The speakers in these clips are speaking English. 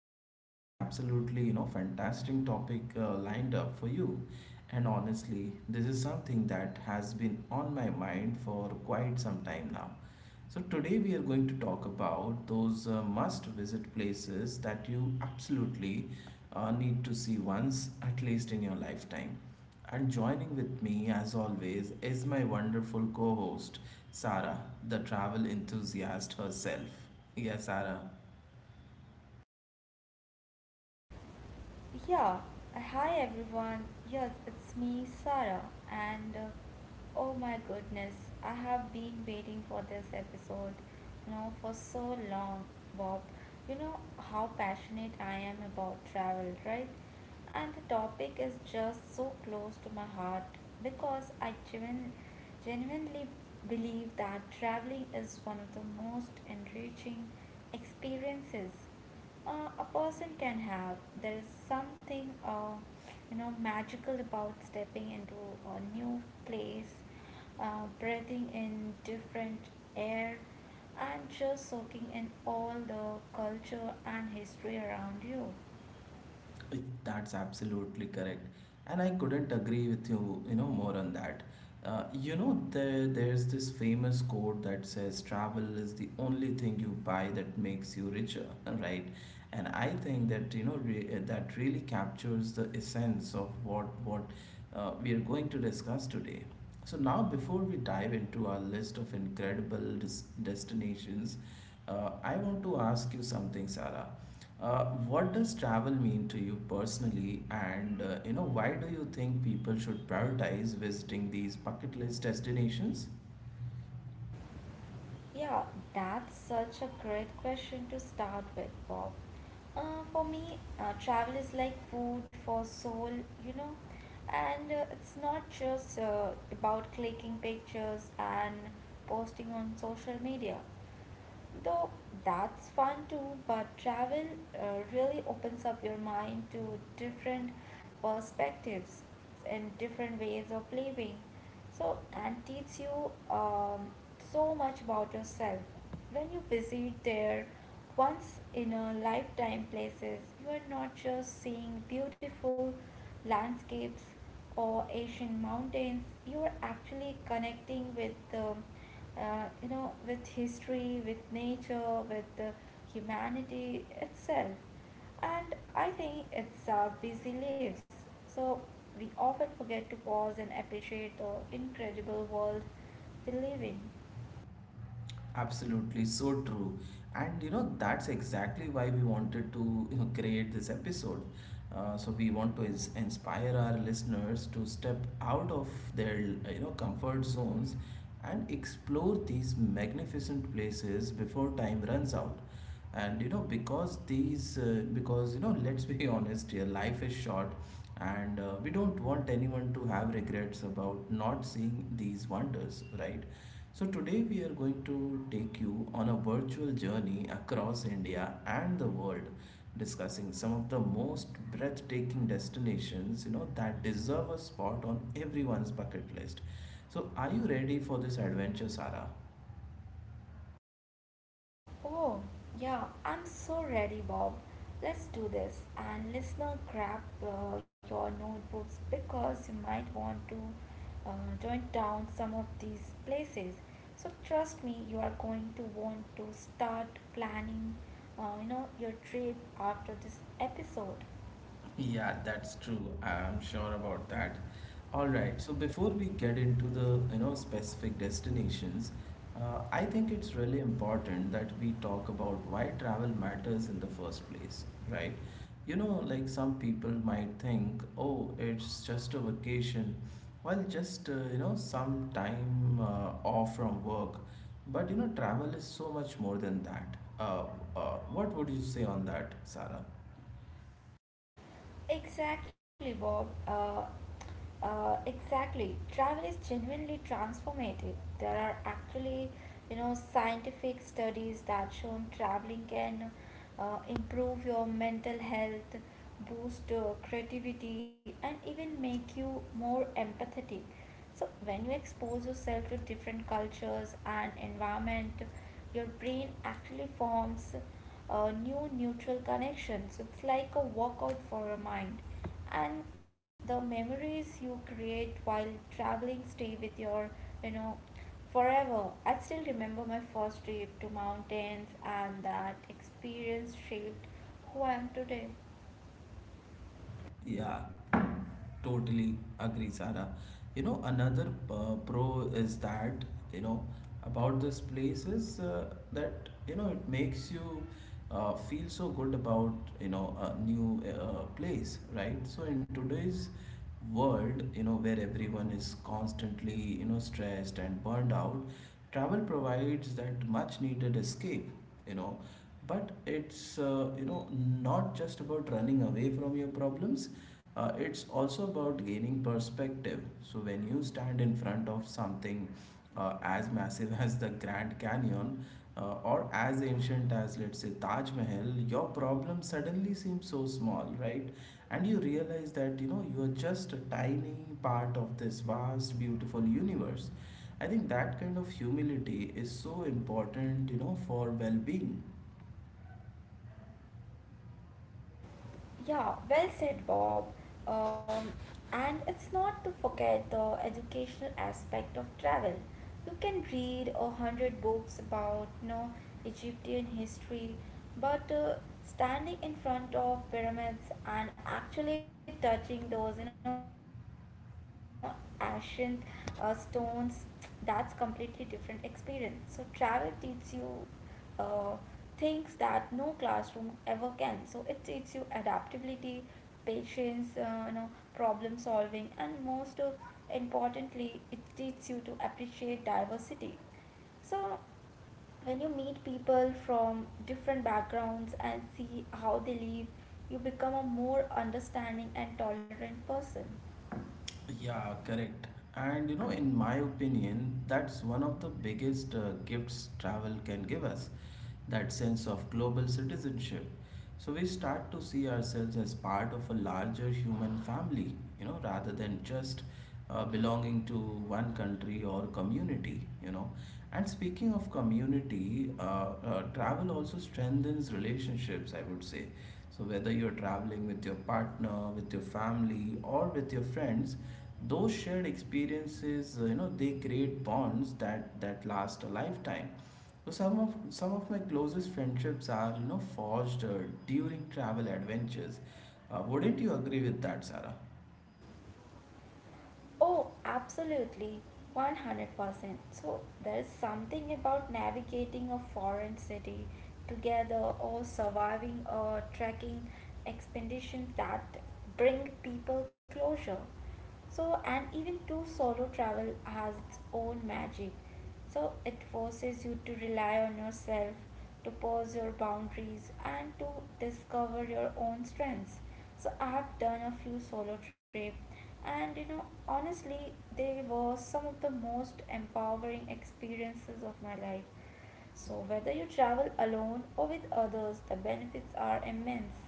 We have got an absolutely, fantastic topic lined up for you, and honestly, this is something that has been on my mind for quite some time now. So, today we are going to talk about those must visit places that you absolutely need to see once at least in your lifetime. And joining with me, as always, is my wonderful co host, Sarah, the travel enthusiast herself. Yeah, Sarah. Yeah, hi everyone. Yes, it's me, Sarah. And oh my goodness, I have been waiting for this episode, for so long, Bob. You know how passionate I am about travel, right? And the topic is just so close to my heart because I genuinely believe that traveling is one of the most enriching experiences a person can have. There is something, magical about stepping into a new place, breathing in different air, and just soaking in all the culture and history around you. Eh, That's absolutely correct, and I couldn't agree with you, more on that. There's this famous quote that says, "Travel is the only thing you buy that makes you richer," right? And I think that that really captures the essence of what we are going to discuss today. So now, before we dive into our list of incredible destinations, I want to ask you something, Sarah. Uh, what does travel mean to you personally, and why do you think people should prioritize visiting these bucket list destinations? Yeah, that's such a great question to start with, Bob. For me, travel is like food for soul, you know, and it's not just about clicking pictures and posting on social media. Though that's fun too, but travel really opens up your mind to different perspectives and different ways of living. So, and teach you so much about yourself. When you visit there, once in a lifetime places, you are not just seeing beautiful landscapes or Asian mountains, you are actually connecting with history, with nature, with the humanity itself. And I think it's our busy lives. So we often forget to pause and appreciate the incredible world we live in. Absolutely, so true. And you know, that's exactly why we wanted to, create this episode. So we want to is inspire our listeners to step out of their, comfort zones and explore these magnificent places before time runs out. And you know, because these, because you know, let's be honest here, life is short, and we don't want anyone to have regrets about not seeing these wonders, right? So, today we are going to take you on a virtual journey across India and the world, discussing some of the most breathtaking destinations you know that deserve a spot on everyone's bucket list. So, are you ready for this adventure, Sarah? Oh, yeah, I'm so ready, Bob. Let's do this. And listener, grab your notebooks because you might want to uh, jot down some of these places. So trust me, you are going to want to start planning, your trip after this episode. Yeah, that's true. I'm sure about that. All right, so before we get into the, specific destinations, I think it's really important that we talk about why travel matters in the first place, right? You know, like some people might think, oh, it's just a vacation. Well, just, some time off from work. But, you know, travel is so much more than that. What would you say on that, Sarah? Exactly, Bob. Exactly. Travel is genuinely transformative. There are actually, scientific studies that show traveling can improve your mental health, boost creativity, and even make you more empathetic. So when you expose yourself to different cultures and environment, your brain actually forms new neutral connections. So it's like a workout for your mind. And the memories you create while traveling stay with your, you know, forever. I still remember my first trip to mountains and that experience shaped who I am today. Yeah, totally agree, Sarah. You know, another pro is that, you know, about this place is that, you know, it makes you feel so good about, you know, a new place, right? So in today's world, you know, where everyone is constantly, stressed and burned out, travel provides that much needed escape, you know, but it's not just about running away from your problems. It's also about gaining perspective. So when you stand in front of something as massive as the Grand Canyon, or as ancient as, let's say, Taj Mahal, your problem suddenly seems so small, right? And you realize that, you know, you are just a tiny part of this vast beautiful universe. I think that kind of humility is so important, you know, for well-being. Yeah, well said, Bob. Um, and it's not to forget the educational aspect of travel. You can read 100 books about Egyptian history, but standing in front of pyramids and actually touching those ancient stones, that's completely different experience. So travel teaches you uh, things that no classroom ever can. So it teaches you adaptability, patience, problem solving, and most importantly, it teaches you to appreciate diversity. So when you meet people from different backgrounds and see how they live, you become a more understanding and tolerant person. Yeah, correct. And you know, in my opinion, that's one of the biggest gifts travel can give us, that sense of global citizenship. So we start to see ourselves as part of a larger human family, you know, rather than just belonging to one country or community, you know. And speaking of community, travel also strengthens relationships, I would say. So whether you're traveling with your partner, with your family, or with your friends, those shared experiences, they create bonds that last a lifetime. So some of my closest friendships are, you know, forged during travel adventures. Wouldn't you agree with that, Sarah? Oh, absolutely, 100%. So, there is something about navigating a foreign city together or surviving a trekking expedition that bring people closure. So, and even too, solo travel has its own magic. So, it forces you to rely on yourself, to pause your boundaries, and to discover your own strengths. So, I have done a few solo trips, and you know, honestly, they were some of the most empowering experiences of my life. So, whether you travel alone or with others, the benefits are immense.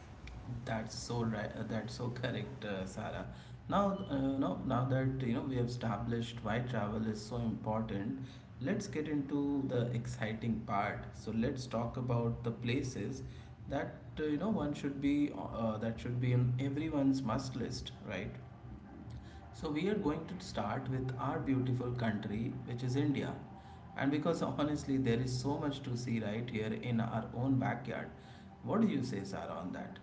That's so right. That's so correct, Sarah. Now, now that you know we have established why travel is so important, let's get into the exciting part. So let's talk about the places that you know one should be that should be in everyone's must list, right? So, we are going to start with our beautiful country, which is India. And because honestly, there is so much to see right here in our own backyard. What do you say, Sarah, on that?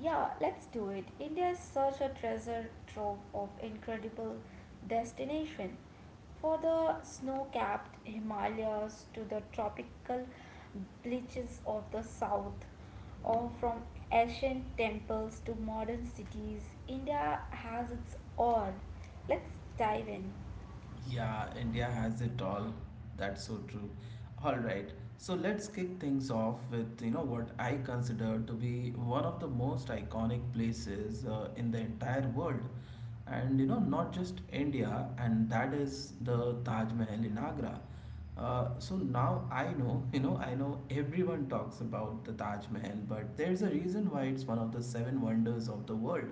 Yeah, let's do it. India is such a treasure trove of incredible destination. For the snow-capped Himalayas to the tropical beaches of the south, or from ancient temples to modern cities, India has its all. Let's dive in. Yeah, India has it all. That's so true. All right. So let's kick things off with, you know, what I consider to be one of the most iconic places in the entire world. And, you know, not just India, and that is the Taj Mahal in Agra. So now I know, you know, I know everyone talks about the Taj Mahal, but there's a reason why it's one of the seven wonders of the world.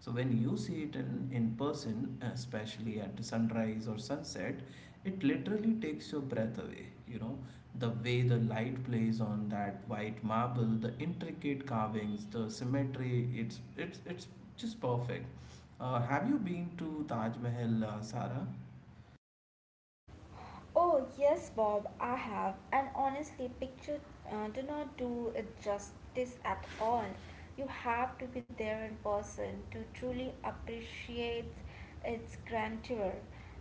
So when you see it in person, especially at sunrise or sunset, it literally takes your breath away. You know, the way the light plays on that white marble, the intricate carvings, the symmetry, it's just perfect. Have you been to Taj Mahal, Sarah? Oh, yes, Bob, I have. And honestly, picture do not do it justice at all. You have to be there in person to truly appreciate its grandeur.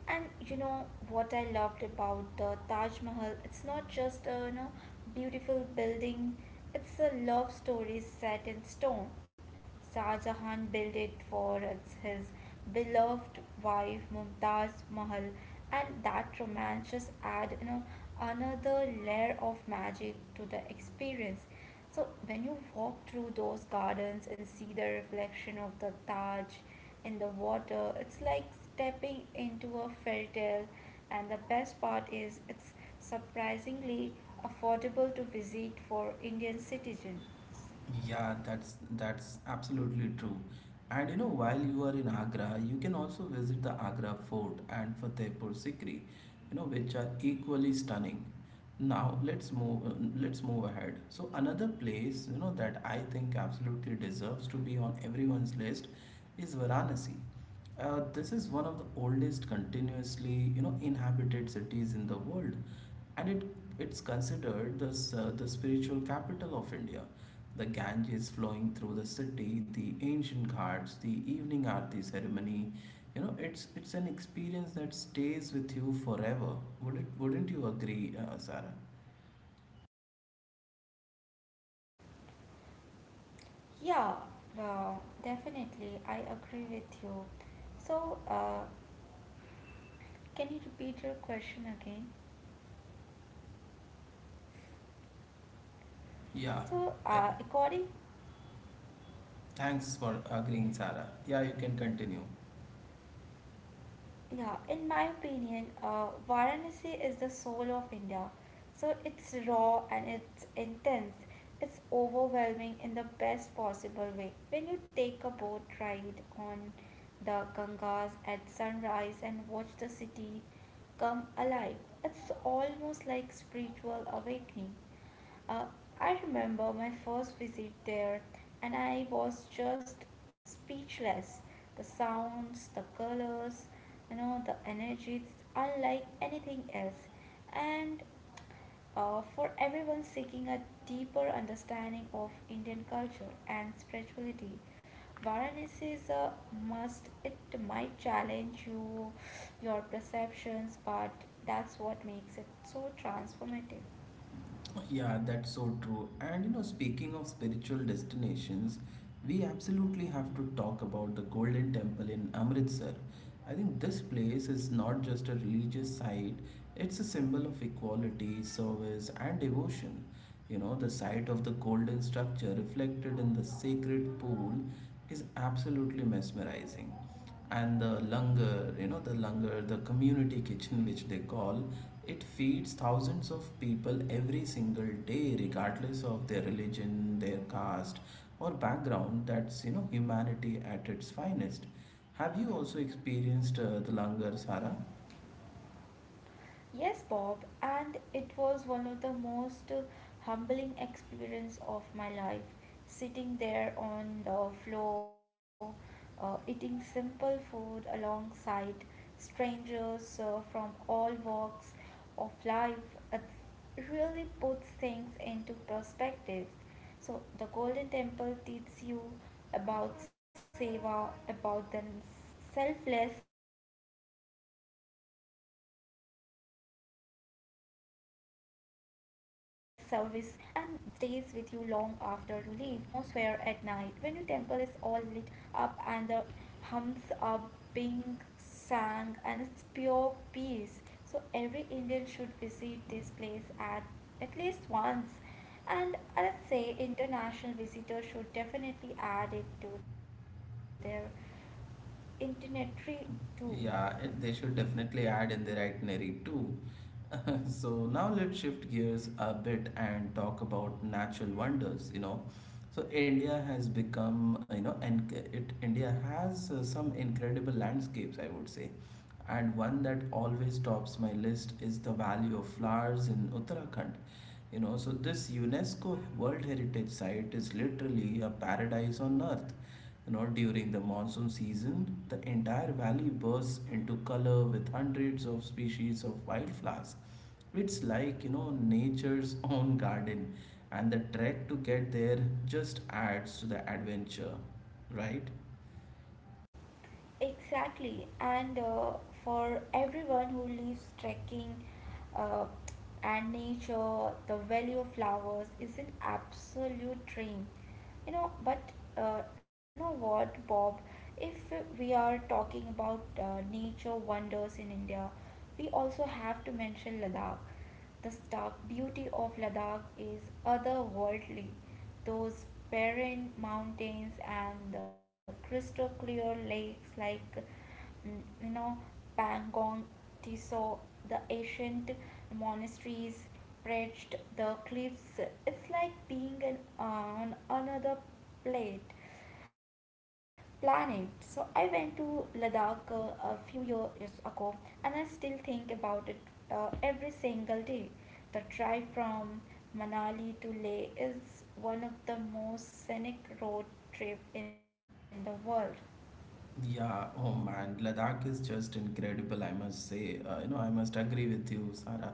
And you know what I loved about the Taj Mahal? It's not just a beautiful building. It's a love story set in stone. Shah Jahan built it for his beloved wife Mumtaz Mahal, and that romance just add another layer of magic to the experience. So when you walk through those gardens and see the reflection of the Taj in the water, it's like stepping into a fairy tale. And the best part is it's surprisingly affordable to visit for Indian citizens. Yeah, that's absolutely true. And you know, while you are in Agra, you can also visit the Agra Fort and Fatehpur Sikri, you know, which are equally stunning. Now let's move ahead. So another place, you know, that I think absolutely deserves to be on everyone's list is Varanasi. This is one of the oldest continuously, you know, inhabited cities in the world, and it's considered the spiritual capital of India. The Ganges flowing through the city, the ancient ghats, the evening aarti ceremony. You know, it's an experience that stays with you forever. Wouldn't you agree, Sarah? Yeah, no, definitely. I agree with you. So, can you repeat your question again? Yeah. So, Uh, Thanks for agreeing, Sarah. Yeah, you can continue. yeah, in my opinion, Varanasi is the soul of India. So, it's raw and it's intense. It's overwhelming in the best possible way. When you take a boat ride on the Gangas at sunrise and watch the city come alive, it's almost like spiritual awakening. Uh, I remember my first visit there and I was just speechless. The sounds, the colors, the energy, it's unlike anything else. And for everyone seeking a deeper understanding of Indian culture and spirituality, Varanasi is a must. It might challenge you, your perceptions, but that's what makes it so transformative. Yeah, that's so true. And you know, speaking of spiritual destinations, we absolutely have to talk about the Golden Temple in Amritsar. I think this place is not just a religious site, it's a symbol of equality, service, and devotion. You know, the sight of the golden structure reflected in the sacred pool is absolutely mesmerizing, and the langar, the community kitchen, which they call, it feeds thousands of people every single day, regardless of their religion, their caste or background. That's, you know, humanity at its finest. Have you also experienced the langar, Sara? Yes, Bob, and it was one of the most humbling experience of my life. Sitting there on the floor, eating simple food alongside strangers from all walks of life, it really puts things into perspective. So the Golden Temple teaches you about seva, about the selfless service, and that's a lesson uh, that stays with you long after you leave. And the atmosphere at night, when your temple is all lit up and the hums are being sang and it's pure peace. So every Indian should visit this place at least once. And I'd say international visitors should definitely add it to their itinerary too. Yeah, they should definitely add in their itinerary too. So now let's shift gears a bit and talk about natural wonders. You know, so India has become you know, and it India has some incredible landscapes, I would say. And one that always tops my list is the Valley of Flowers in Uttarakhand. You know, so this UNESCO World Heritage Site is literally a paradise on earth. You know, during the monsoon season, the entire valley bursts into color with hundreds of species of wildflowers. It's like, you know, nature's own garden, and the trek to get there just adds to the adventure, right? Exactly, and for everyone who lives trekking uh, and nature, the value of flowers is an absolute dream. You know, but you know what, Bob? If we are talking about nature wonders in India, we also have to mention Ladakh. The stark beauty of Ladakh is otherworldly. Those barren mountains and the crystal clear lakes like Pangong Tiso, the ancient monasteries perched the cliffs. It's like being on another plate planet. So I went to Ladakh a few years ago and I still think about it every single day. The drive from Manali to Leh is one of the most scenic road trip in the world. Yeah, oh man, Ladakh is just incredible, I must say. You know, I must agree with you, Sara.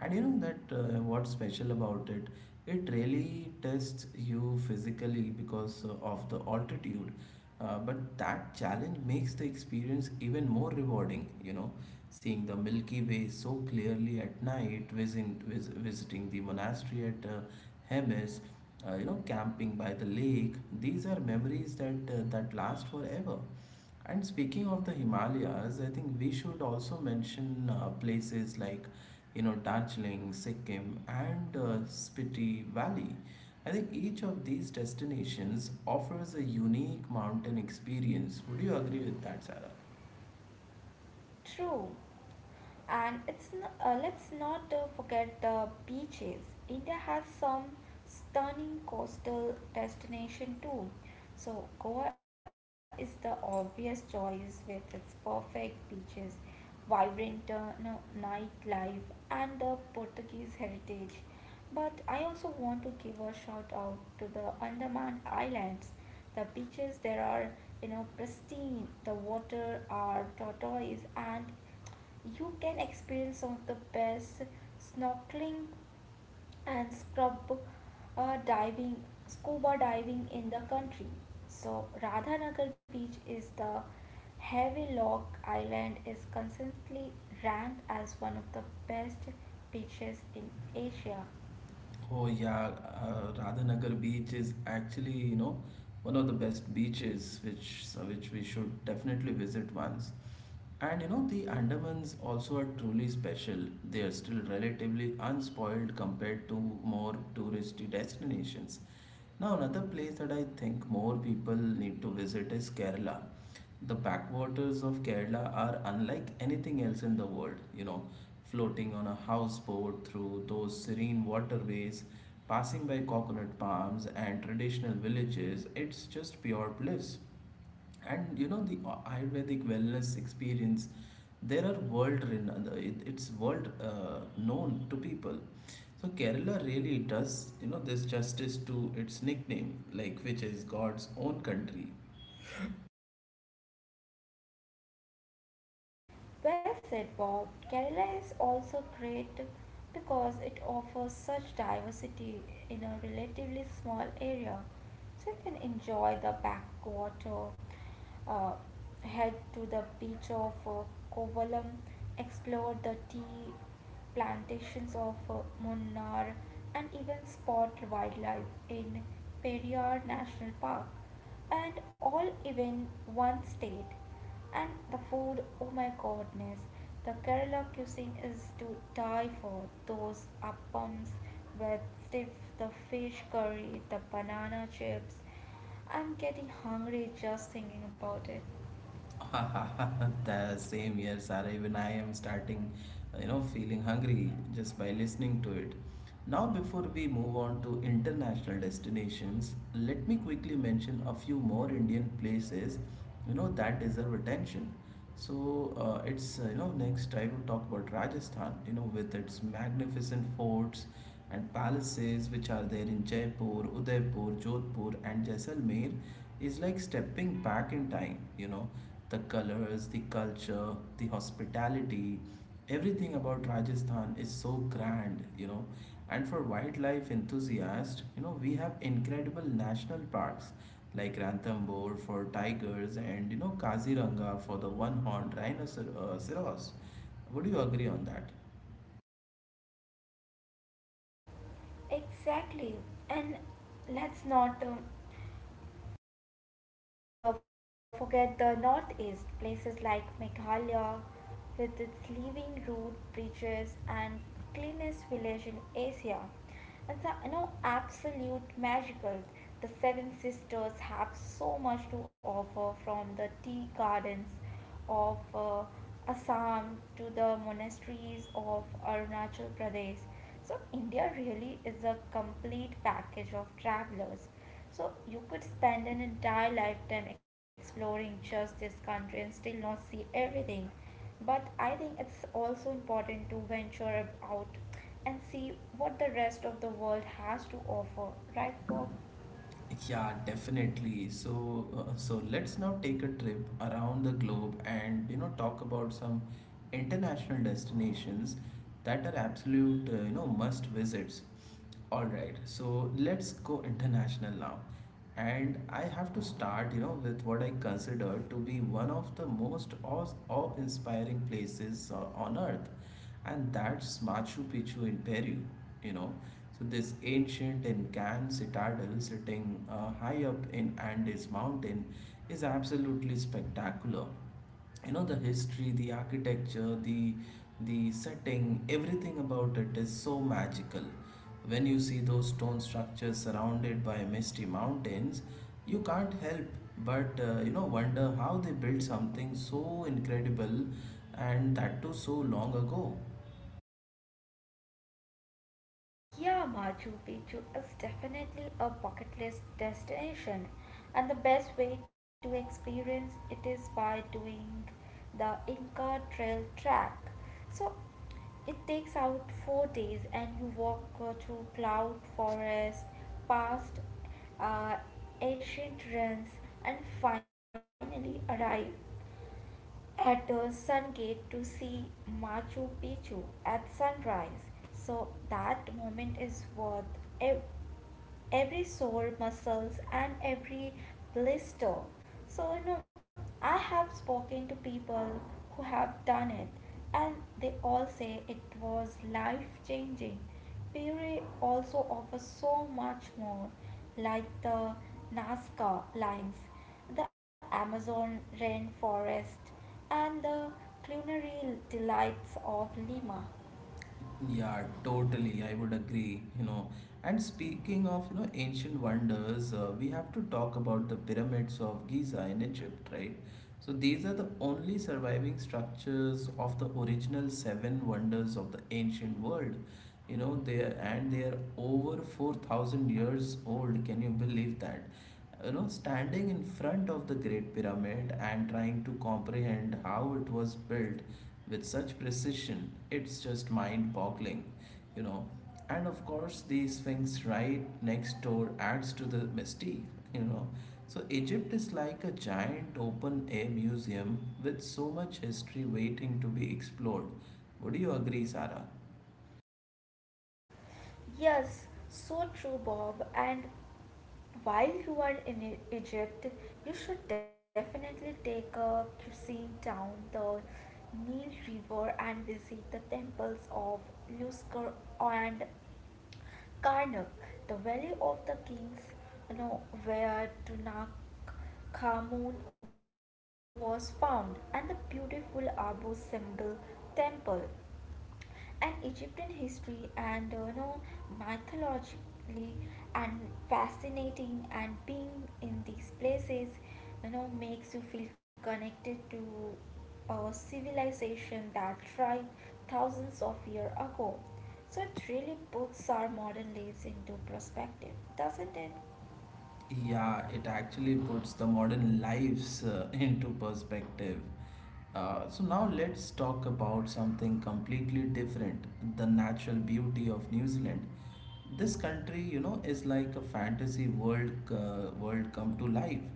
And you know that what's special about it? It really tests you physically because of the altitude. But that challenge makes the experience even more rewarding, you know, seeing the Milky Way so clearly at night, visiting the monastery at Hemes, you know, camping by the lake. These are memories that last forever. And speaking of the Himalayas, I think we should also mention places like, you know, Darjeeling, Sikkim, and Spiti Valley. I think each of these destinations offers a unique mountain experience. Would you agree with that, Sarah? True. And let's not forget the beaches. India has some stunning coastal destination too. So Goa is the obvious choice with its perfect beaches, vibrant no, nightlife, and the Portuguese heritage. But I also want to give a shout out to the Andaman Islands. The beaches there are, pristine. The water are turquoise and you can experience some of the best snorkeling and uh, diving, scuba diving in the country. So, Radhanagar beach is the Havelock Island is consistently ranked as one of the best beaches in Asia. Oh yeah, Radhanagar beach is actually, you know, one of the best beaches which we should definitely visit once. And you know, the Andamans also are truly special. They are still relatively unspoiled compared to more touristy destinations. Now, another place that I think more people need to visit is Kerala. The backwaters of Kerala are unlike anything else in the world. You know, floating on a houseboat through those serene waterways, passing by coconut palms and traditional villages, it's just pure bliss. And you know, the ayurvedic wellness experience there are world renowned. It's world known to people. So Kerala really does, you know, this justice to its nickname, like, which is God's own country. Well said, Bob. Kerala is also great because it offers such diversity in a relatively small area. So you can enjoy the backwater, uh, head to the beach of Kovalam, explore the tea plantations of Munnar, and even spot wildlife in Periyar National Park and all, even one state. And the food, oh my goodness, the Kerala cuisine is to die for. Those appams with stiff the fish curry, the banana chips, I'm getting hungry just thinking about it. The same here, Sara. Even I am starting, you know, feeling hungry just by listening to it. Now, before we move on to international destinations, let me quickly mention a few more Indian places, you know, that deserve attention. So it's you know, next I would talk about Rajasthan. You know, with its magnificent forts and palaces which are there in Jaipur, Udaipur, Jodhpur, and Jaisalmer, is like stepping back in time. The colors, the culture, the hospitality, everything about Rajasthan is so grand. And for wildlife enthusiasts, we have incredible national parks like Ranthambore for tigers and Kaziranga for the one-horned rhinoceros. Would you agree on that? Exactly, and let's not the forget the northeast places like Meghalaya with its living root bridges and cleanest village in Asia. It's absolute magical. The Seven Sisters have so much to offer from the tea gardens of Assam to the monasteries of Arunachal Pradesh. So, India really is a complete package of travelers. So, you could spend an entire lifetime exploring just this country and still not see everything. But I think it's also important to venture out and see what the rest of the world has to offer, right, Bob? Yeah, definitely. So let's now take a trip around the globe and talk about some international destinations that are absolute must visits. All right. So let's go international now. And I have to start, you know, with what I consider to be one of the most awe-inspiring places on earth. And that's Machu Picchu in Peru, you know. So, this ancient Incan citadel sitting high up in Andes Mountain is absolutely spectacular. You know, the history, the architecture, the setting, everything about it is so magical. When you see those stone structures surrounded by misty mountains, you can't help but wonder how they built something so incredible and that too so long ago. Yeah, Machu Picchu is definitely a bucket list destination, and the best way to experience it is by doing the Inca Trail track. So it takes out 4 days, and you walk through cloud forest, past uh, ancient ruins, and finally arrive at Sun Gate to see Machu Picchu at sunrise. So that moment is worth every every sore muscles and every blister. So, you know, I have spoken to people who have done it and they all say it was life changing. Puree also offers so much more, like the Nazca Lines, the Amazon rainforest, and the culinary delights of Lima. Yeah, totally. I would agree, you know. And speaking of, you know, ancient wonders, we have to talk about the pyramids of Giza in Egypt, right? So these are the only surviving structures of the original seven wonders of the ancient world. You know, they are over 4,000 years old. Can you believe that? You know, standing in front of the Great Pyramid and trying to comprehend how it was built with such precision. It's just mind boggling, you know. And of course, the Sphinx right next door adds to the mystique, you know. So, Egypt is like a giant open air museum with so much history waiting to be explored. Would you agree, Sarah? Yes, so true, Bob. And while you are in Egypt, you should definitely take a cruising down the Nile River and visit the temples of Luxor and Karnak, the Valley of the Kings, where Tutankhamun was found, and the beautiful Abu Simbel Temple and Egyptian history and mythologically and fascinating, and being in these places makes you feel connected to a civilization that thrived thousands of years ago. So it really puts our modern lives into perspective, doesn't it? Yeah, it actually puts the modern lives into perspective. So now let's talk about something completely different, the natural beauty of New Zealand. This country, you know, is like a fantasy world world come to life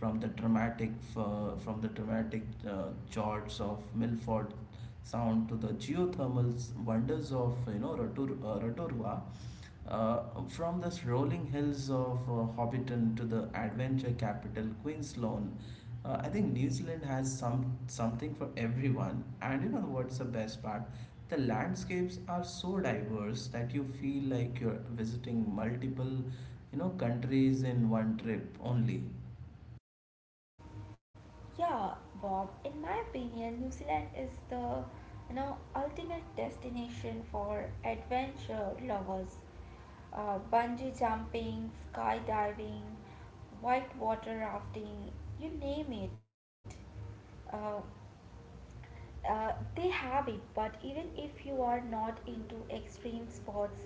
from the dramatic from the dramatic jorts of Milford Sound to the wonders of, you know, Rotorua. From the rolling hills of Hobbiton to the adventure capital Queenstown, I think New Zealand has something for everyone. And you know what's the best part? The landscapes are so diverse that you feel like you're visiting multiple, you know, countries in one trip only. Yeah, Bob, in my opinion, New Zealand is the ultimate destination for adventure lovers. Bungee jumping, skydiving, whitewater rafting, you name it. Uh, they have it, but even if you are not into extreme sports,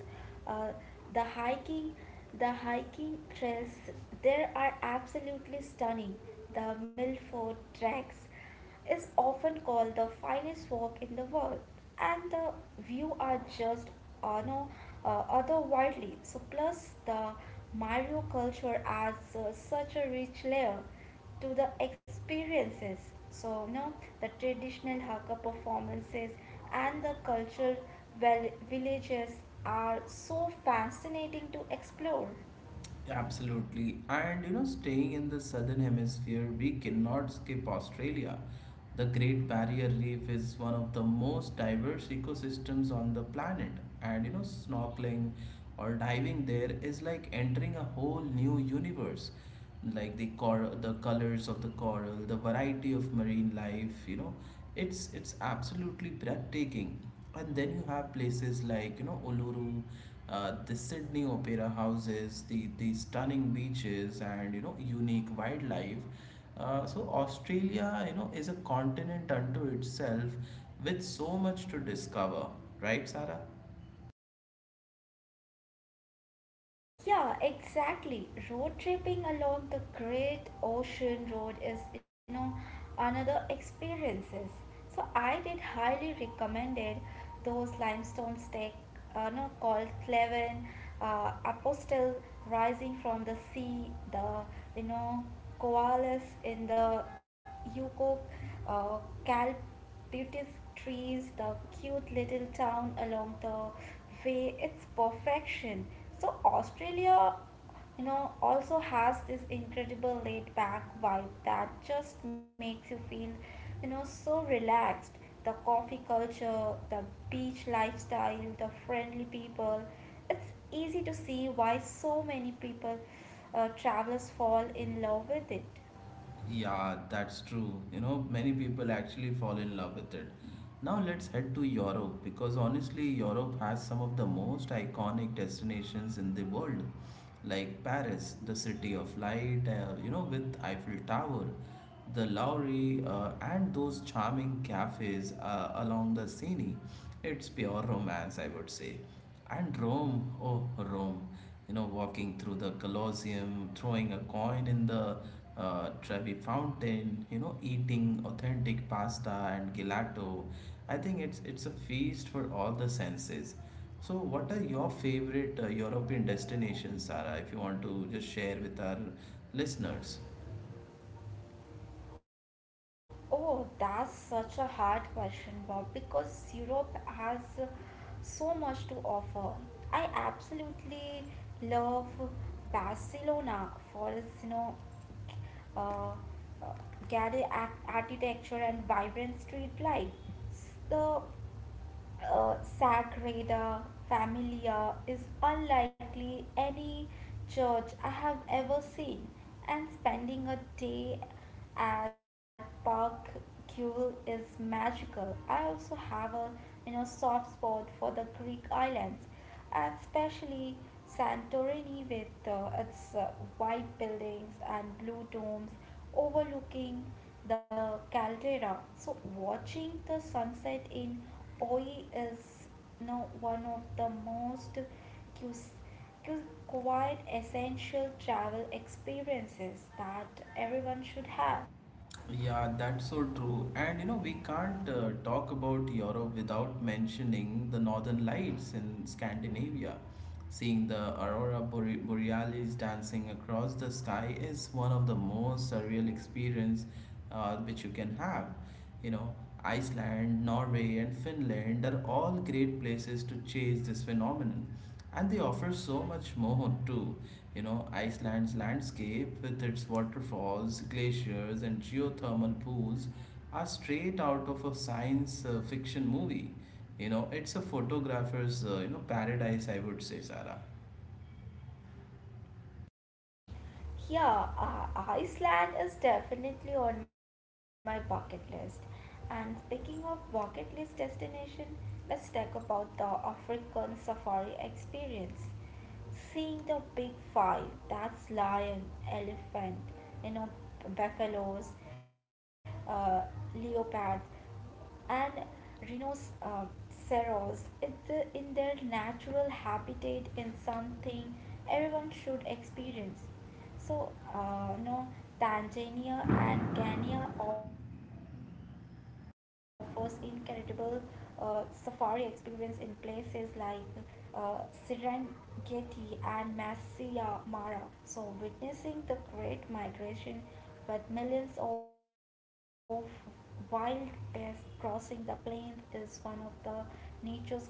uh, the hiking the hiking trails there are absolutely stunning. The Milford Tracks is often called the finest walk in the world, and the view are just no other wildly. So plus the Mario culture adds such a rich layer to the experiences. So, you know, the traditional Hakka performances and the cultural villages are so fascinating to explore. Absolutely. And you know, staying in the southern hemisphere, we cannot skip Australia. The Great Barrier Reef is one of the most diverse ecosystems on the planet, and you know, snorkeling or diving there is like entering a whole new universe. Like the colors of the coral, the variety of marine life, you know, it's absolutely breathtaking. And then you have places like Uluru, the Sydney Opera houses, the stunning beaches, and unique wildlife, so Australia, you know, is a continent unto itself with so much to discover, right, Sarah? Yeah, exactly. Road tripping along the Great Ocean Road is, you know, another experiences. So I did highly recommended those limestone stack, no, called Cleven, Apostle rising from the sea, the you know koalas in the Yukon, uh, Calp beautiful trees, the cute little town along the way. It's perfection. So, Australia, you know, also has this incredible laid back vibe that just makes you feel, you know, so relaxed. The coffee culture, the beach lifestyle, the friendly people. It's easy to see why so many people, travelers fall in love with it. Yeah, that's true. You know, many people actually fall in love with it. Now let's head to Europe because honestly, Europe has some of the most iconic destinations in the world, like Paris, the city of light, you know, with Eiffel Tower, the Lowry, and those charming cafes along the Seine. It's pure romance, I would say. And Rome, oh, Rome, you know, walking through the Colosseum, throwing a coin in the Trevi fountain, you know, eating authentic pasta and gelato. I think it's a feast for all the senses. So, what are your favorite European destinations, Sarah, if you want to just share with our listeners? Oh, that's such a hard question, Bob, because Europe has so much to offer. I absolutely love Barcelona for its, you know, uh, uh, garish architecture and vibrant street life. The Sagrada Familia is unlikely any church I have ever seen, and spending a day at Park Gule is magical. I also have a soft spot for the Greek islands, and especially Santorini with its white buildings and blue domes overlooking the caldera. So watching the sunset in Oi is now one of the most quite essential travel experiences that everyone should have. Yeah, that's so true. And you know, we can't talk about Europe without mentioning the northern lights in Scandinavia. Seeing the aurora borealis dancing across the sky is one of the most surreal experience which you can have. You know, Iceland, Norway, and Finland are all great places to chase this phenomenon. And they offer so much more too. You know, Iceland's landscape with its waterfalls, glaciers, and geothermal pools are straight out of a science fiction movie. You know, it's a photographer's paradise, I would say, Sarah. Iceland is definitely on my bucket list. And speaking of bucket list destination, let's talk about the African safari experience. Seeing the big five, that's lion, elephant, you know, buffaloes, uh, leopards, and rhinos, ceros, it, in their natural habitat is something everyone should experience. So, you know, Tanzania and Kenya offers incredible safari experience in places like uh, Serengeti and Masai Mara. So, witnessing the Great Migration with millions of wild beasts crossing the plains is one of the nature's greatest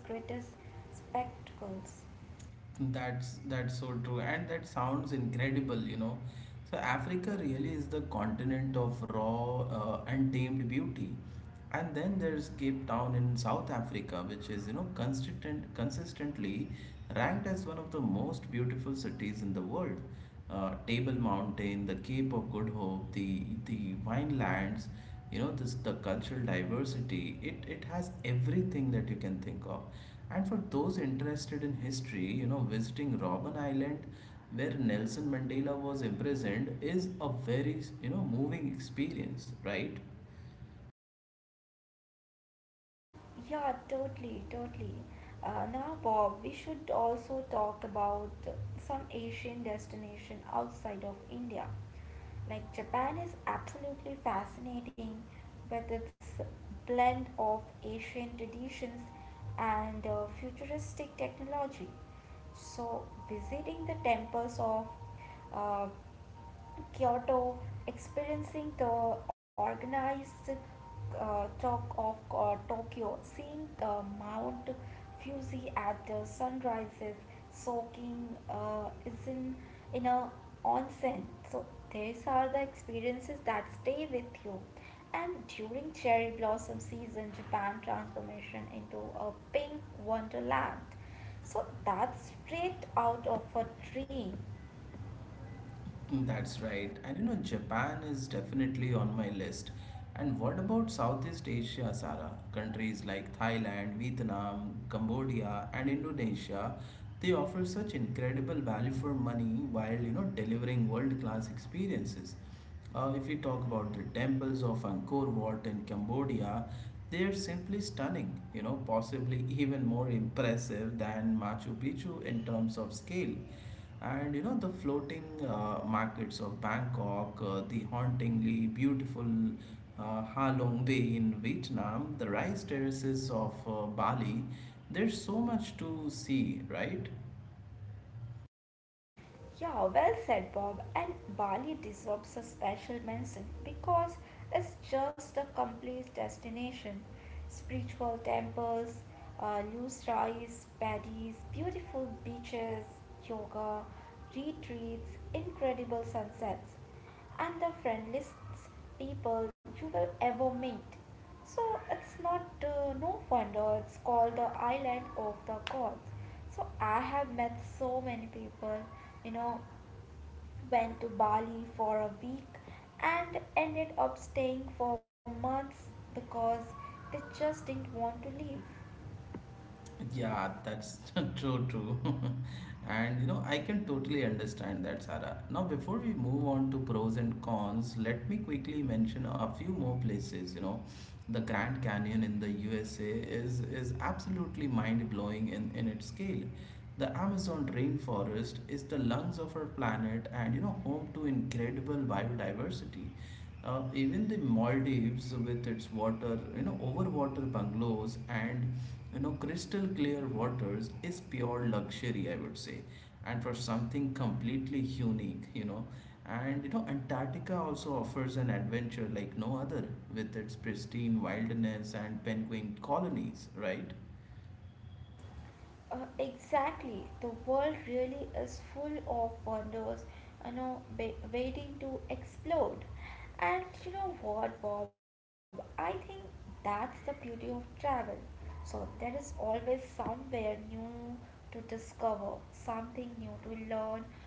spectacles. That's so true, and that sounds incredible. You know, so Africa really is the continent of raw, untamed beauty. And then there's Cape Town in South Africa, which is, you know, consistently ranked as one of the most beautiful cities in the world. Table Mountain, the Cape of Good Hope, the winelands, you know, this the cultural diversity. It has everything that you can think of. And for those interested in history, you know, visiting Robben Island where Nelson Mandela was imprisoned is a very moving experience, right? Yeah, totally, totally. Now, Bob, we should also talk about some Asian destination outside of India. Like Japan is absolutely fascinating with its blend of Asian traditions and futuristic technology. So, visiting the temples of uh, Kyoto, experiencing the organized talk of Tokyo, seeing Mount Fuji at the sunrises, soaking is in a onsen. So these are the experiences that stay with you. And during cherry blossom season, Japan transformation into a pink wonderland. So that's straight out of a dream. That's right. And you know Japan is definitely on my list. And what about Southeast Asia, Sarah? Countries like Thailand, Vietnam, Cambodia, and Indonesia, they offer such incredible value for money while delivering world-class experiences. If we talk about the temples of Angkor Wat in Cambodia, they are simply stunning, you know, possibly even more impressive than Machu Picchu in terms of scale. And you know, the floating markets of Bangkok, the hauntingly beautiful Ha Long Bay in Vietnam, the rice terraces of Bali, there's so much to see, right? Yeah, well said, Bob. And Bali deserves a special mention because it's just a complete destination. Spiritual temples, loose rice, paddies, beautiful beaches, yoga, retreats, incredible sunsets, and the friendliest people you will ever meet. So it's not no wonder it's called the island of the gods. So I have met so many people, you know, went to Bali for a week and ended up staying for months because they just didn't want to leave. Yeah, that's true, true. And you know, I can totally understand that, Sarah. Now, before we move on to pros and cons, let me quickly mention a few more places. You know, the Grand Canyon in the USA is absolutely mind-blowing in its scale. The Amazon rainforest is the lungs of our planet and you know, home to incredible biodiversity. Even the Maldives, with you know, overwater bungalows and you know, crystal clear waters, is pure luxury, I would say, and for something completely unique, you know. And you know, Antarctica also offers an adventure like no other, with its pristine wilderness and penguin colonies, right? Exactly. The world really is full of wonders, you know, waiting to explode. And you know what, Bob? I think that's the beauty of travel. So there is always somewhere new to discover, something new to learn,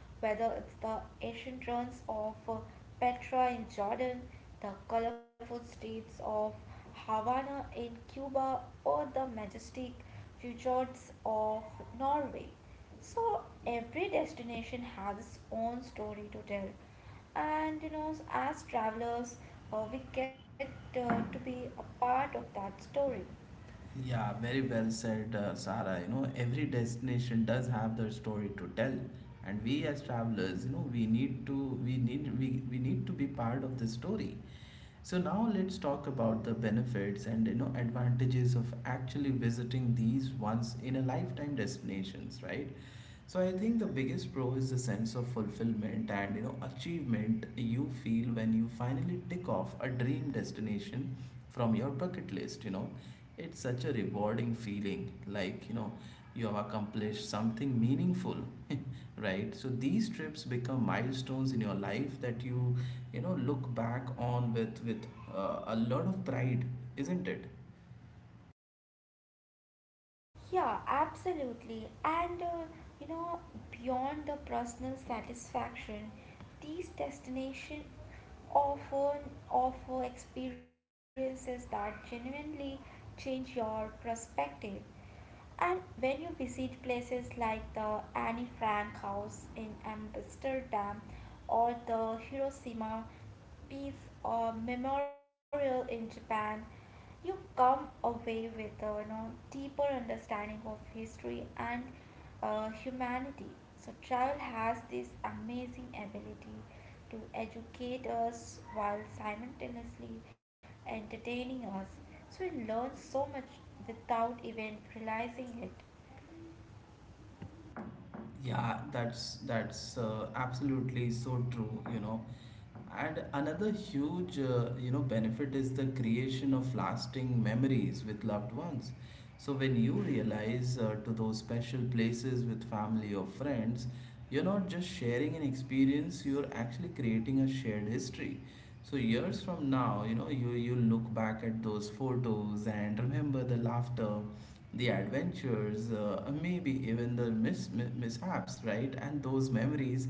whether it's the ancient ruins of Petra in Jordan, the colorful streets of Havana in Cuba, or the majestic fjords of Norway. So every destination has its own story to tell, and you know, as travelers, we get to be a part of that story. Yeah, very well said, Sara. You know, every destination does have their story to tell, and we as travelers, you know, we need to be part of the story. So now let's talk about the benefits and you know advantages of actually visiting these once in a lifetime destinations, right? So I think the biggest pro is the sense of fulfillment and you know achievement you feel when you finally tick off a dream destination from your bucket list, you know. It's such a rewarding feeling like, you know, you have accomplished something meaningful, right? So these trips become milestones in your life that you know, look back on with a lot of pride, isn't it? Yeah, absolutely. And you know, beyond the personal satisfaction, these destinations often offer experiences that genuinely change your perspective. And when you visit places like the Anne Frank House in Amsterdam or the Hiroshima Peace Memorial in Japan, you come away with a you know deeper understanding of history and humanity. So, travel has this amazing ability to educate us while simultaneously entertaining us. So, we learn so much without even realizing it. Yeah, that's absolutely so true, you know. And another huge, you know, benefit is the creation of lasting memories with loved ones. So when you realize to those special places with family or friends, you're not just sharing an experience, you're actually creating a shared history. So years from now, you know, you look back at those photos and remember the laughter the adventures, maybe even the mishaps, right? And those memories,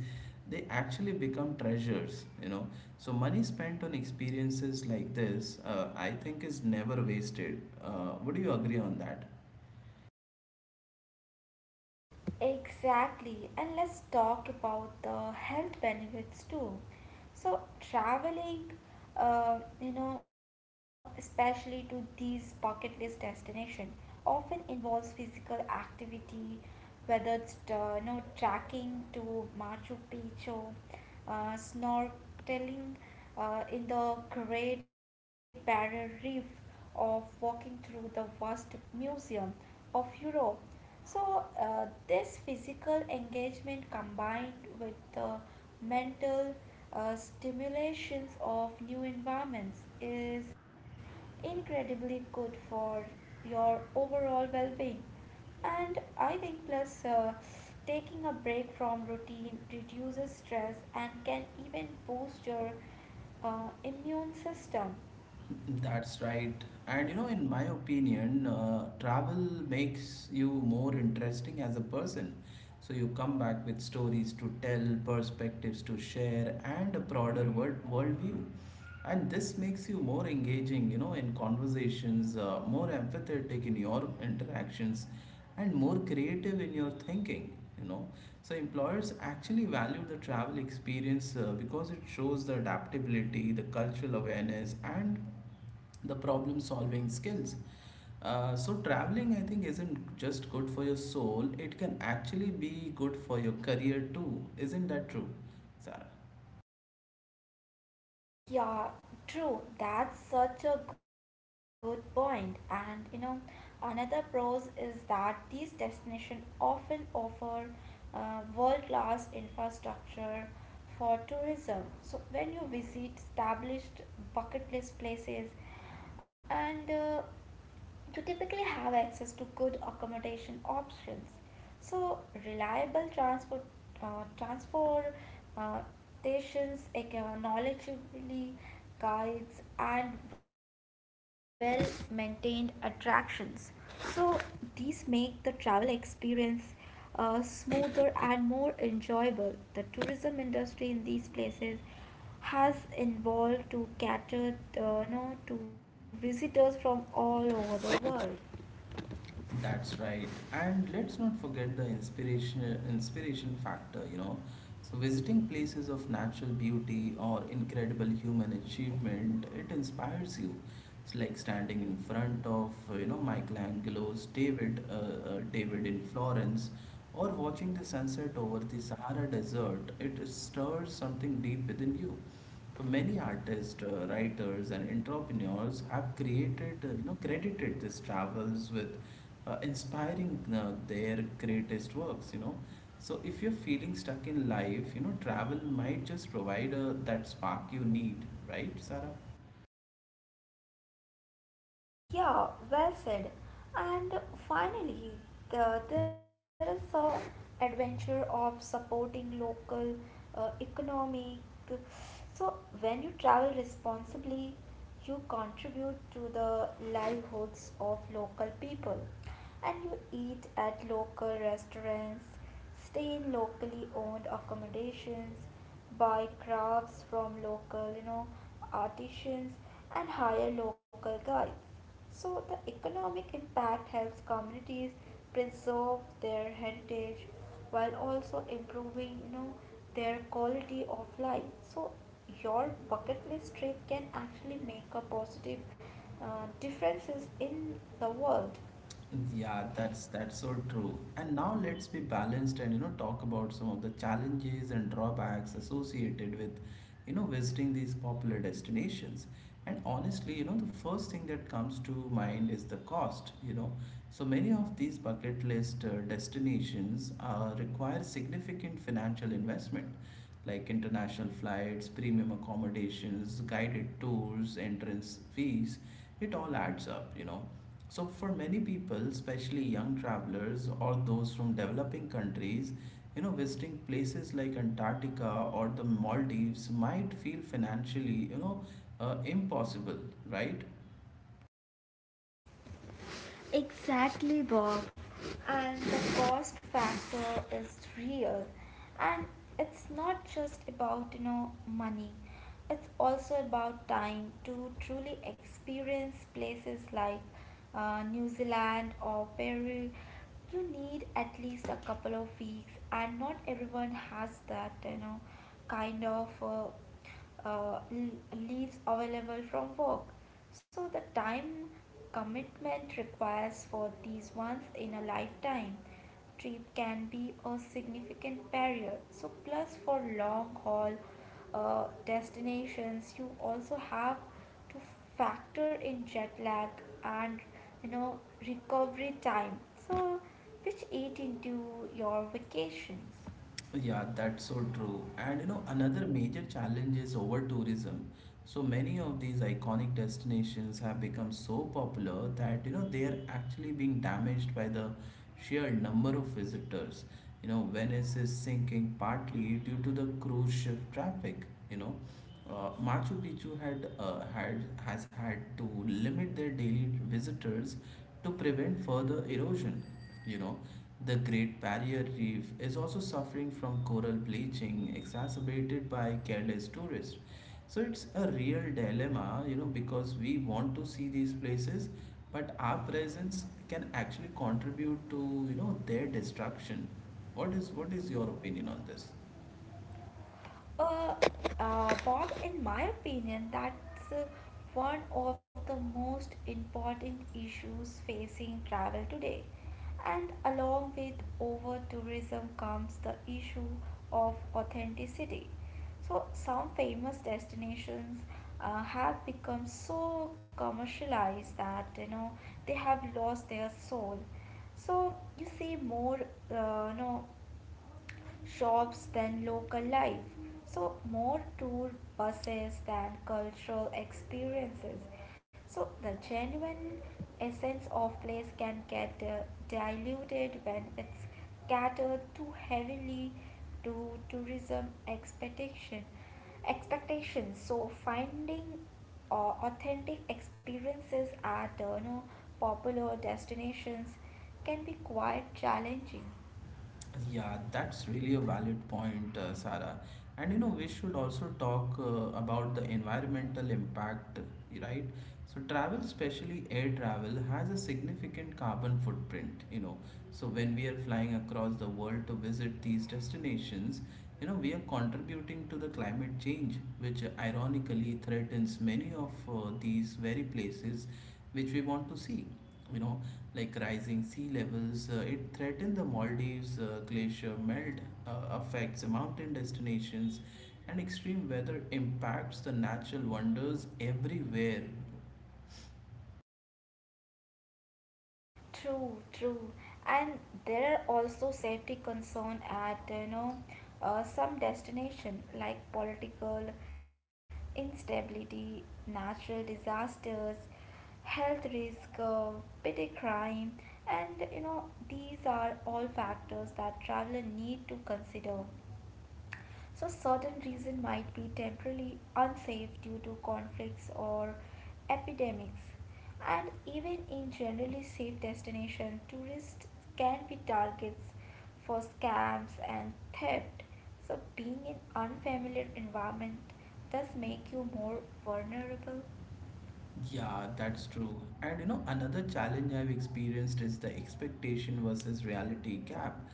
they actually become treasures, you know. So money spent on experiences like this, I think, is never wasted. Would you agree on that? Exactly, and let's talk about the health benefits too. So, traveling, you know, especially to these bucket list destinations, often involves physical activity, whether it's you know trekking to Machu Picchu, snorkeling in the Great Barrier Reef, or walking through the vast museum of Europe. So, this physical engagement combined with the mental stimulations of new environments is incredibly good for your overall well being. And I think, plus, taking a break from routine reduces stress and can even boost your immune system. That's right. And you know, in my opinion, travel makes you more interesting as a person. So you come back with stories to tell, perspectives to share, and a broader worldview. And this makes you more engaging, you know, in conversations, more empathetic in your interactions, and more creative in your thinking. You know, so employers actually value the travel experience because it shows the adaptability, the cultural awareness, and the problem solving skills. So traveling, I think, isn't just good for your soul; it can actually be good for your career too. Isn't that true, Sarah? Yeah, true. That's such a good point. And you know, another pros is that these destinations often offer world-class infrastructure for tourism. So when you visit established bucket list places, and you typically have access to good accommodation options, so reliable transport, transportations, knowledgeably guides and well-maintained attractions. So these make the travel experience smoother and more enjoyable. The tourism industry in these places has evolved to cater you know, to visitors from all over the world. That's right. And let's not forget the inspiration factor, you know. So visiting places of natural beauty or incredible human achievement, it inspires you. It's like standing in front of, you know, Michelangelo's David in Florence, or watching the sunset over the Sahara Desert. It stirs something deep within you. So many artists, writers, and entrepreneurs have created, you know, credited these travels with inspiring their greatest works, you know. So if you're feeling stuck in life, you know, travel might just provide that spark you need, right, Sarah? Yeah, well said. And finally, there is the adventure of supporting local economic. So when you travel responsibly, you contribute to the livelihoods of local people, and you eat at local restaurants, stay in locally owned accommodations, buy crafts from local, you know, artisans, and hire local guides, so the economic impact helps communities preserve their heritage while also improving, you know, their quality of life. So your bucket list trip can actually make a positive differences in the world. Yeah, that's so true. And now let's be balanced and talk about some of the challenges and drawbacks associated with visiting these popular destinations. And honestly, the first thing that comes to mind is the cost. So many of these bucket list destinations require significant financial investment like international flights, premium accommodations, guided tours, entrance fees. It all adds up. So, for many people, especially young travelers or those from developing countries, visiting places like Antarctica or the Maldives might feel financially, impossible, right? Exactly, Bob. And the cost factor is real. And it's not just about, you know, money. It's also about time to truly experience places like New Zealand or Peru. You need at least a couple of weeks, and not everyone has that, you know, kind of uh, leaves available from work. So the time commitment requires for these ones in a lifetime trip can be a significant barrier. So plus for long haul destinations, you also have to factor in jet lag and you know recovery time. So which eat into your vacations. Yeah, that's so true. And you know, another major challenge is over tourism. So many of these iconic destinations have become so popular that they are actually being damaged by the sheer number of visitors. You know, Venice is sinking partly due to the cruise ship traffic. You know, Machu Picchu had had has had to limit their daily visitors to prevent further erosion. You know, the Great Barrier Reef is also suffering from coral bleaching exacerbated by careless tourists. So it's a real dilemma, you know, because we want to see these places, but our presence can actually contribute to, you know, their destruction. What is your opinion on this? Uh, Bob, in my opinion, that's one of the most important issues facing travel today. And along with over tourism comes the issue of authenticity. So, some famous destinations have become so commercialized that you know they have lost their soul. So, you see more, you know, shops than local life. So, more tour buses than cultural experiences. So, the genuine essence of place can get diluted when it's catered too heavily to tourism expectation expectations. So finding authentic experiences at you know, popular destinations can be quite challenging. Yeah, that's really a valid point, Sarah. And you know, we should also talk about the environmental impact, right? So, travel, especially air travel, has a significant carbon footprint, you know. So, when we are flying across the world to visit these destinations, you know, we are contributing to the climate change, which ironically threatens many of these very places which we want to see. You know, like rising sea levels, it threatens the Maldives, glacier melt affects mountain destinations, and extreme weather impacts the natural wonders everywhere. True, true. And there are also safety concern at you know some destination like political instability, natural disasters, health risk, petty crime, and you know these are all factors that traveler need to consider. So certain regions might be temporarily unsafe due to conflicts or epidemics. And even in generally safe destinations, tourists can be targets for scams and theft. So being in unfamiliar environment does make you more vulnerable. Yeah, that's true. And you know, another challenge I've experienced is the expectation versus reality gap.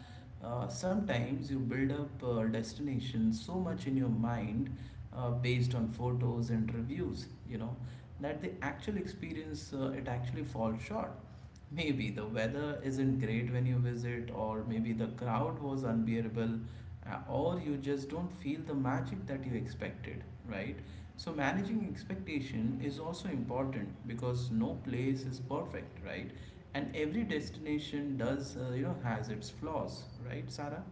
Sometimes you build up a destination so much in your mind based on photos and reviews, you know, that the actual experience it actually falls short. Maybe the weather isn't great when you visit, or maybe the crowd was unbearable, or you just don't feel the magic that you expected, right? So, managing expectation is also important because no place is perfect, right? And every destination does, you know, has its flaws, right, Sarah?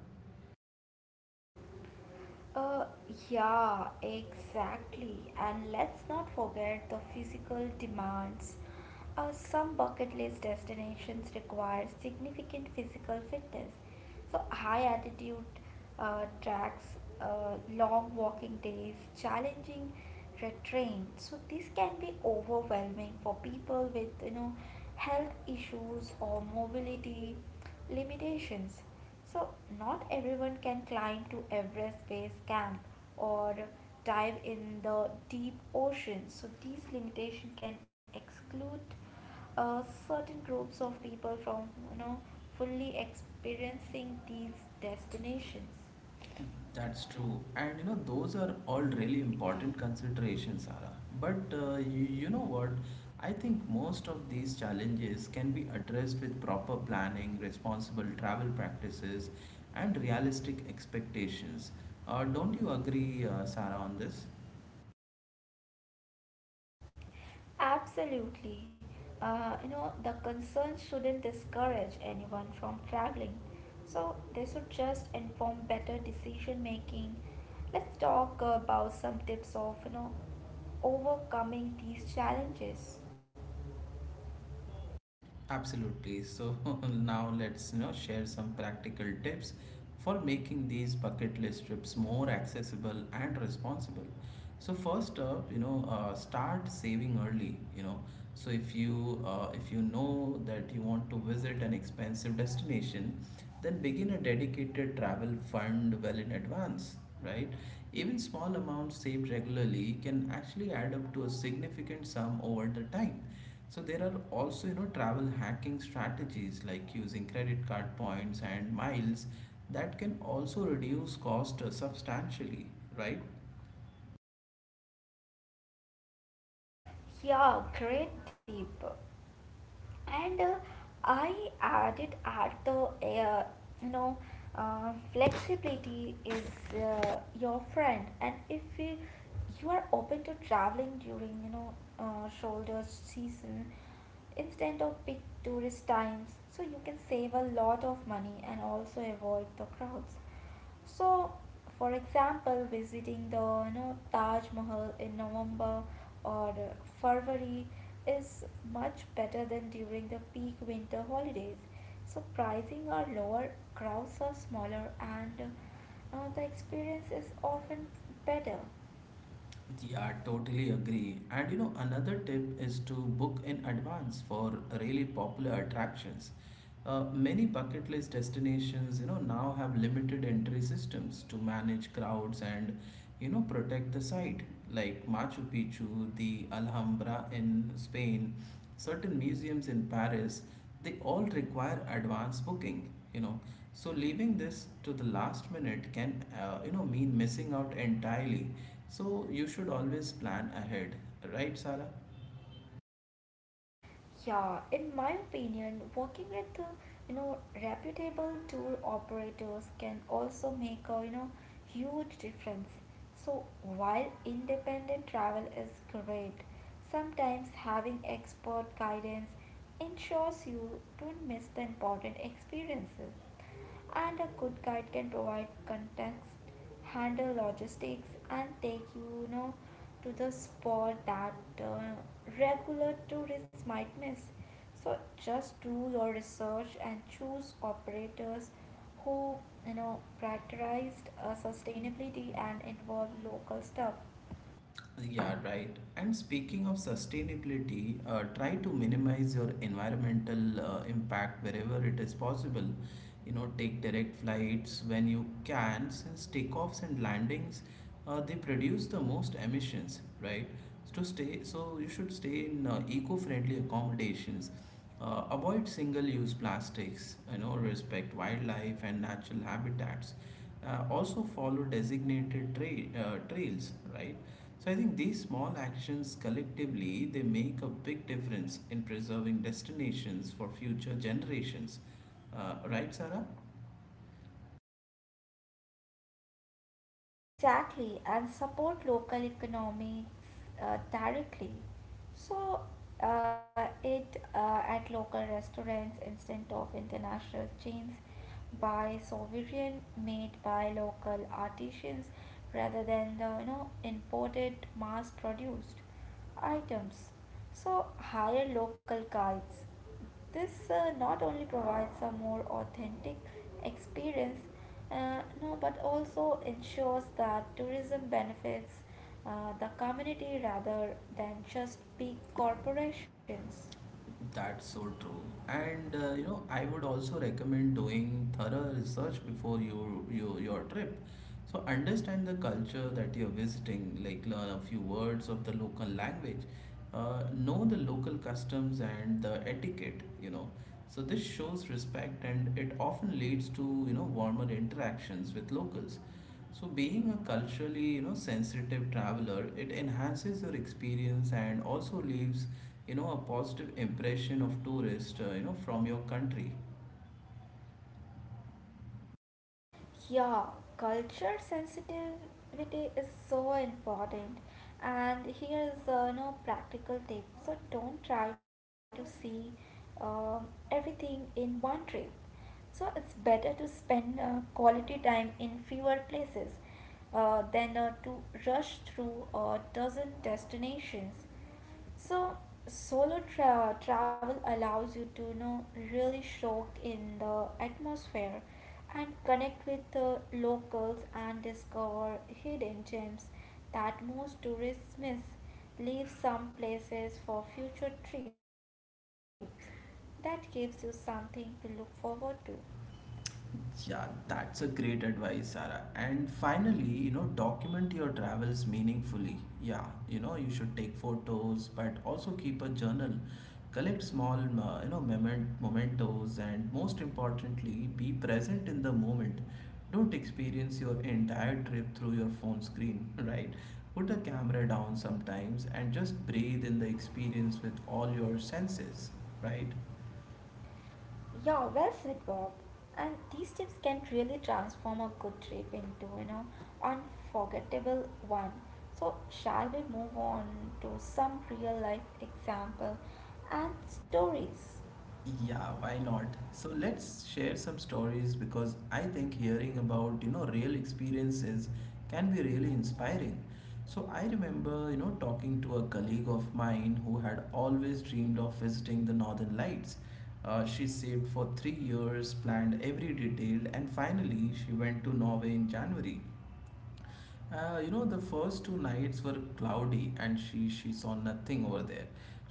Uh, yeah, exactly. And let's not forget the physical demands. Some bucket list destinations require significant physical fitness. So, high altitude tracks, long walking days, challenging terrain. So, this can be overwhelming for people with you know health issues or mobility limitations. So, not everyone can climb to Everest Base Camp or dive in the deep ocean. So, these limitations can exclude uh, certain groups of people from you know fully experiencing these destinations. That's true. And you know, those are all really important considerations, Sarah. But you, you know what? I think most of these challenges can be addressed with proper planning, responsible travel practices, and realistic expectations. Don't you agree, Sarah, on this? Absolutely. You know, the concern shouldn't discourage anyone from traveling. So they should just inform better decision making. Let's talk about some tips of, you know, overcoming these challenges. Absolutely. So now let's you know share some practical tips for making these bucket list trips more accessible and responsible. So first up, start saving early. You know, so if you know that you want to visit an expensive destination, then begin a dedicated travel fund well in advance. Right? Even small amounts saved regularly can actually add up to a significant sum over the time. So there are also, you know, travel hacking strategies like using credit card points and miles that can also reduce cost substantially, right? Yeah, great, Deep. And I added at the uh, you know flexibility is your friend, and if you, you are open to traveling during you know shoulder season instead of big tourist times, so you can save a lot of money and also avoid the crowds. So, for example, visiting the you know Taj Mahal in November or February is much better than during the peak winter holidays. So pricing are lower, crowds are smaller, and the experience is often better. Yeah, totally agree. And you know, another tip is to book in advance for really popular attractions. Many bucket list destinations, you know, now have limited entry systems to manage crowds and you know, protect the site, like Machu Picchu, the Alhambra in Spain, certain museums in Paris, they all require advance booking, you know. So leaving this to the last minute can, you know, mean missing out entirely. So you should always plan ahead, right, Sara? Yeah, in my opinion, working with you know reputable tour operators can also make a you know huge difference. So while independent travel is great, sometimes having expert guidance ensures you don't miss the important experiences, and a good guide can provide context, handle logistics, and take you know to the spot that uh, regular tourists might miss. So just do your research and choose operators who you know prioritized sustainability and involve local stuff. Yeah, right. And speaking of sustainability, try to minimize your environmental impact wherever it is possible. You know, take direct flights when you can, since takeoffs and landings they produce the most emissions, right? So you should stay in eco-friendly accommodations, avoid single-use plastics, you know, respect wildlife and natural habitats. Also follow trails, right? So I think these small actions collectively they make a big difference in preserving destinations for future generations. Right, Sarah? Exactly, and support local economics directly. So, it at local restaurants instead of international chains, buy sovereign made by local artisans rather than the you know imported mass produced items. So, hire local guides. This not only provides a more authentic experience, no, but also ensures that tourism benefits the community rather than just big corporations. That's so true. And you know, I would also recommend doing thorough research before you your trip. So understand the culture that you're visiting, like learn a few words of the local language, know the local customs and the etiquette, you know. So this shows respect and it often leads to, you know, warmer interactions with locals. So being a culturally, you know, sensitive traveler, it enhances your experience and also leaves, you know, a positive impression of tourist, you know, from your country. Yeah, culture sensitivity is so important. And here's no practical tip. So don't try to see everything in one trip. So it's better to spend quality time in fewer places than to rush through a dozen destinations. So travel allows you to you know really soak in the atmosphere and connect with the locals and discover hidden gems that most tourists miss. Leave some places for future trips. That gives you something to look forward to. Yeah, that's a great advice, Sarah. And finally, you know, document your travels meaningfully. Yeah, you know, you should take photos, but also keep a journal. Collect small, mementos, and most importantly, be present in the moment. Don't experience your entire trip through your phone screen, right? Put the camera down sometimes and just breathe in the experience with all your senses, right? Yeah, well said, Bob. And these tips can really transform a good trip into you know unforgettable one. So, shall we move on to some real life example and stories? Yeah, why not? So let's share some stories because I think hearing about, you know, real experiences can be really inspiring. So I remember, you know, talking to a colleague of mine who had always dreamed of visiting the Northern Lights. She saved for 3 years, planned every detail, and finally she went to Norway in January. You know, the first two nights were cloudy, and she saw nothing over there.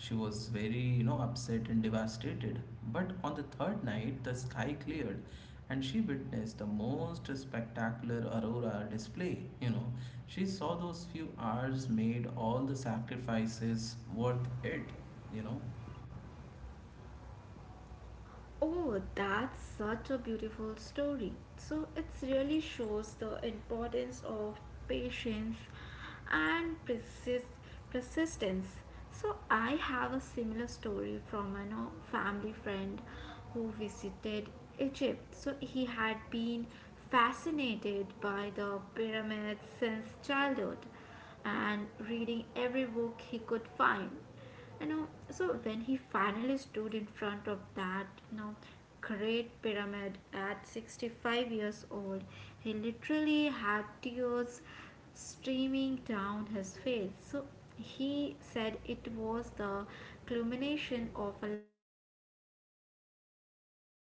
She was very, you know, upset and devastated. But on the third night, the sky cleared, and she witnessed the most spectacular aurora display. You know, she saw those few hours made all the sacrifices worth it. You know. Oh, that's such a beautiful story. So it really shows the importance of patience and persistence. So I have a similar story from a no, family friend who visited Egypt. So he had been fascinated by the pyramids since childhood and reading every book he could find, you know. So when he finally stood in front of that you know great pyramid at 65 years old, he literally had tears streaming down his face. So he said it was the culmination of a lifetime of dreaming,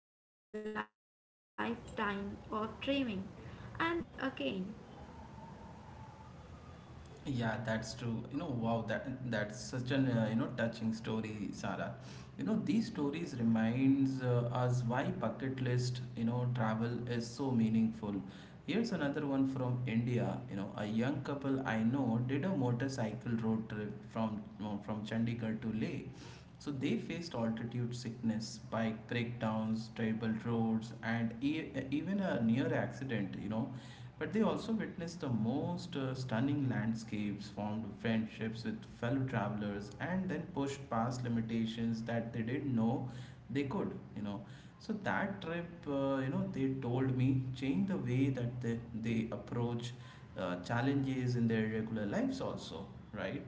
and he felt like that 10-year-old boy again. Yeah, that's true. You know, wow, that's such an you know touching story, Sarah. You know, these stories reminds us why bucket list, you know, travel is so meaningful. Here's another one from India. You know, a young couple I know did a motorcycle road trip from Chandigarh to Leh. So they faced altitude sickness, bike breakdowns, terrible roads, and even a near accident. You know, but they also witnessed the most stunning landscapes, formed friendships with fellow travelers, and then pushed past limitations that they didn't know they could, you know. So that trip, you know, they told me changed the way that they approach challenges in their regular lives, also, right?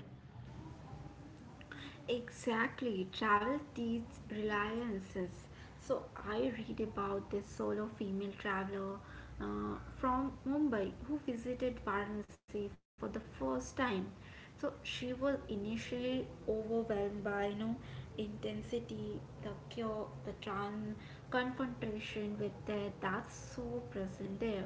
Exactly, travel teaches reliances. So I read about this solo female traveler from Mumbai who visited Varanasi for the first time. So she was initially overwhelmed by you know intensity, the cure, the trans confrontation with death that's so present there.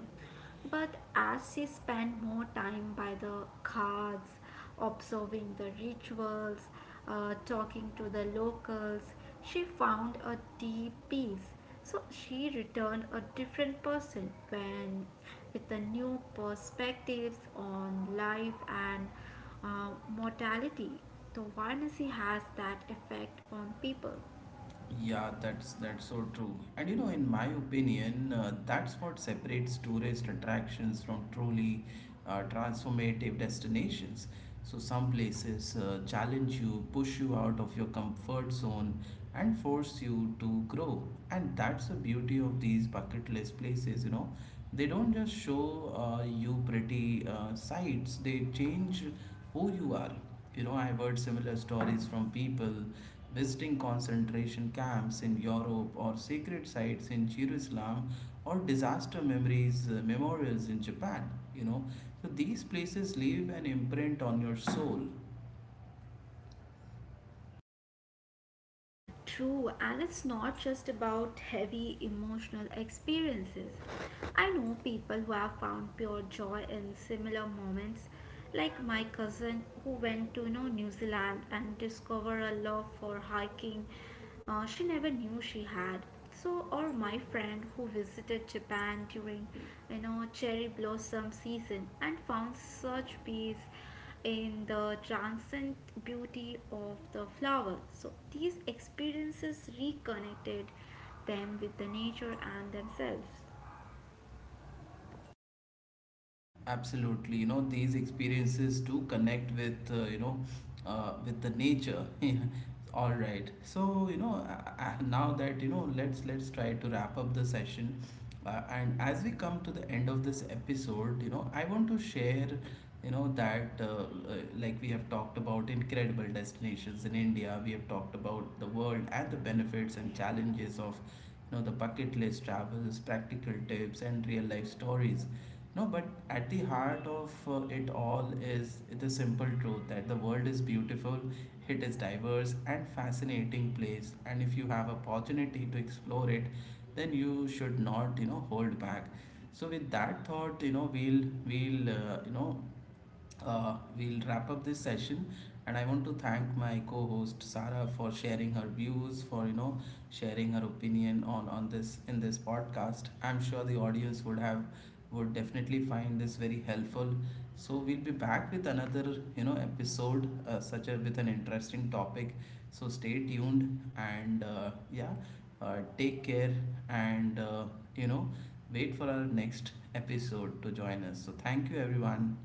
But as she spent more time by the Ghats, observing the rituals, talking to the locals. She found a deep peace. So she returned a different person when with the new perspectives on life and mortality. The Varanasi has that effect on people. Yeah, that's so true. And you know, in my opinion, that's what separates tourist attractions from truly transformative destinations. So some places challenge you, push you out of your comfort zone, and force you to grow. And that's the beauty of these bucket list places. You know, they don't just show you pretty sights; they change who you are. You know, I've heard similar stories from people visiting concentration camps in Europe or sacred sites in Jerusalem or disaster memories memorials in Japan, you know, so these places leave an imprint on your soul. True, and it's not just about heavy emotional experiences. I know people who have found pure joy in similar moments, like my cousin who went to you know, New Zealand and discovered a love for hiking she never knew she had. So, or my friend who visited Japan during you know cherry blossom season and found such peace in the transient beauty of the flower. So these experiences reconnected them with the nature and themselves. Absolutely, you know these experiences do connect with with the nature. All right, so now that you know, let's try to wrap up the session. And as we come to the end of this episode, you know, I want to share, you know, that like we have talked about incredible destinations in India, we have talked about the world and the benefits and challenges of, you know, the bucket list travels, practical tips, and real life stories. No, but at the heart of it all is the simple truth that the world is beautiful, it is diverse and fascinating place, and if you have opportunity to explore it, then you should not you know hold back. So with that thought, you know, we'll wrap up this session, and I want to thank my co-host Sarah for sharing her views, for you know sharing her opinion on this in this podcast. I'm sure the audience would have would definitely find this very helpful. So we'll be back with another you know episode such a with an interesting topic. So stay tuned and yeah, take care and, you know, wait for our next episode to join us. So, thank you, everyone.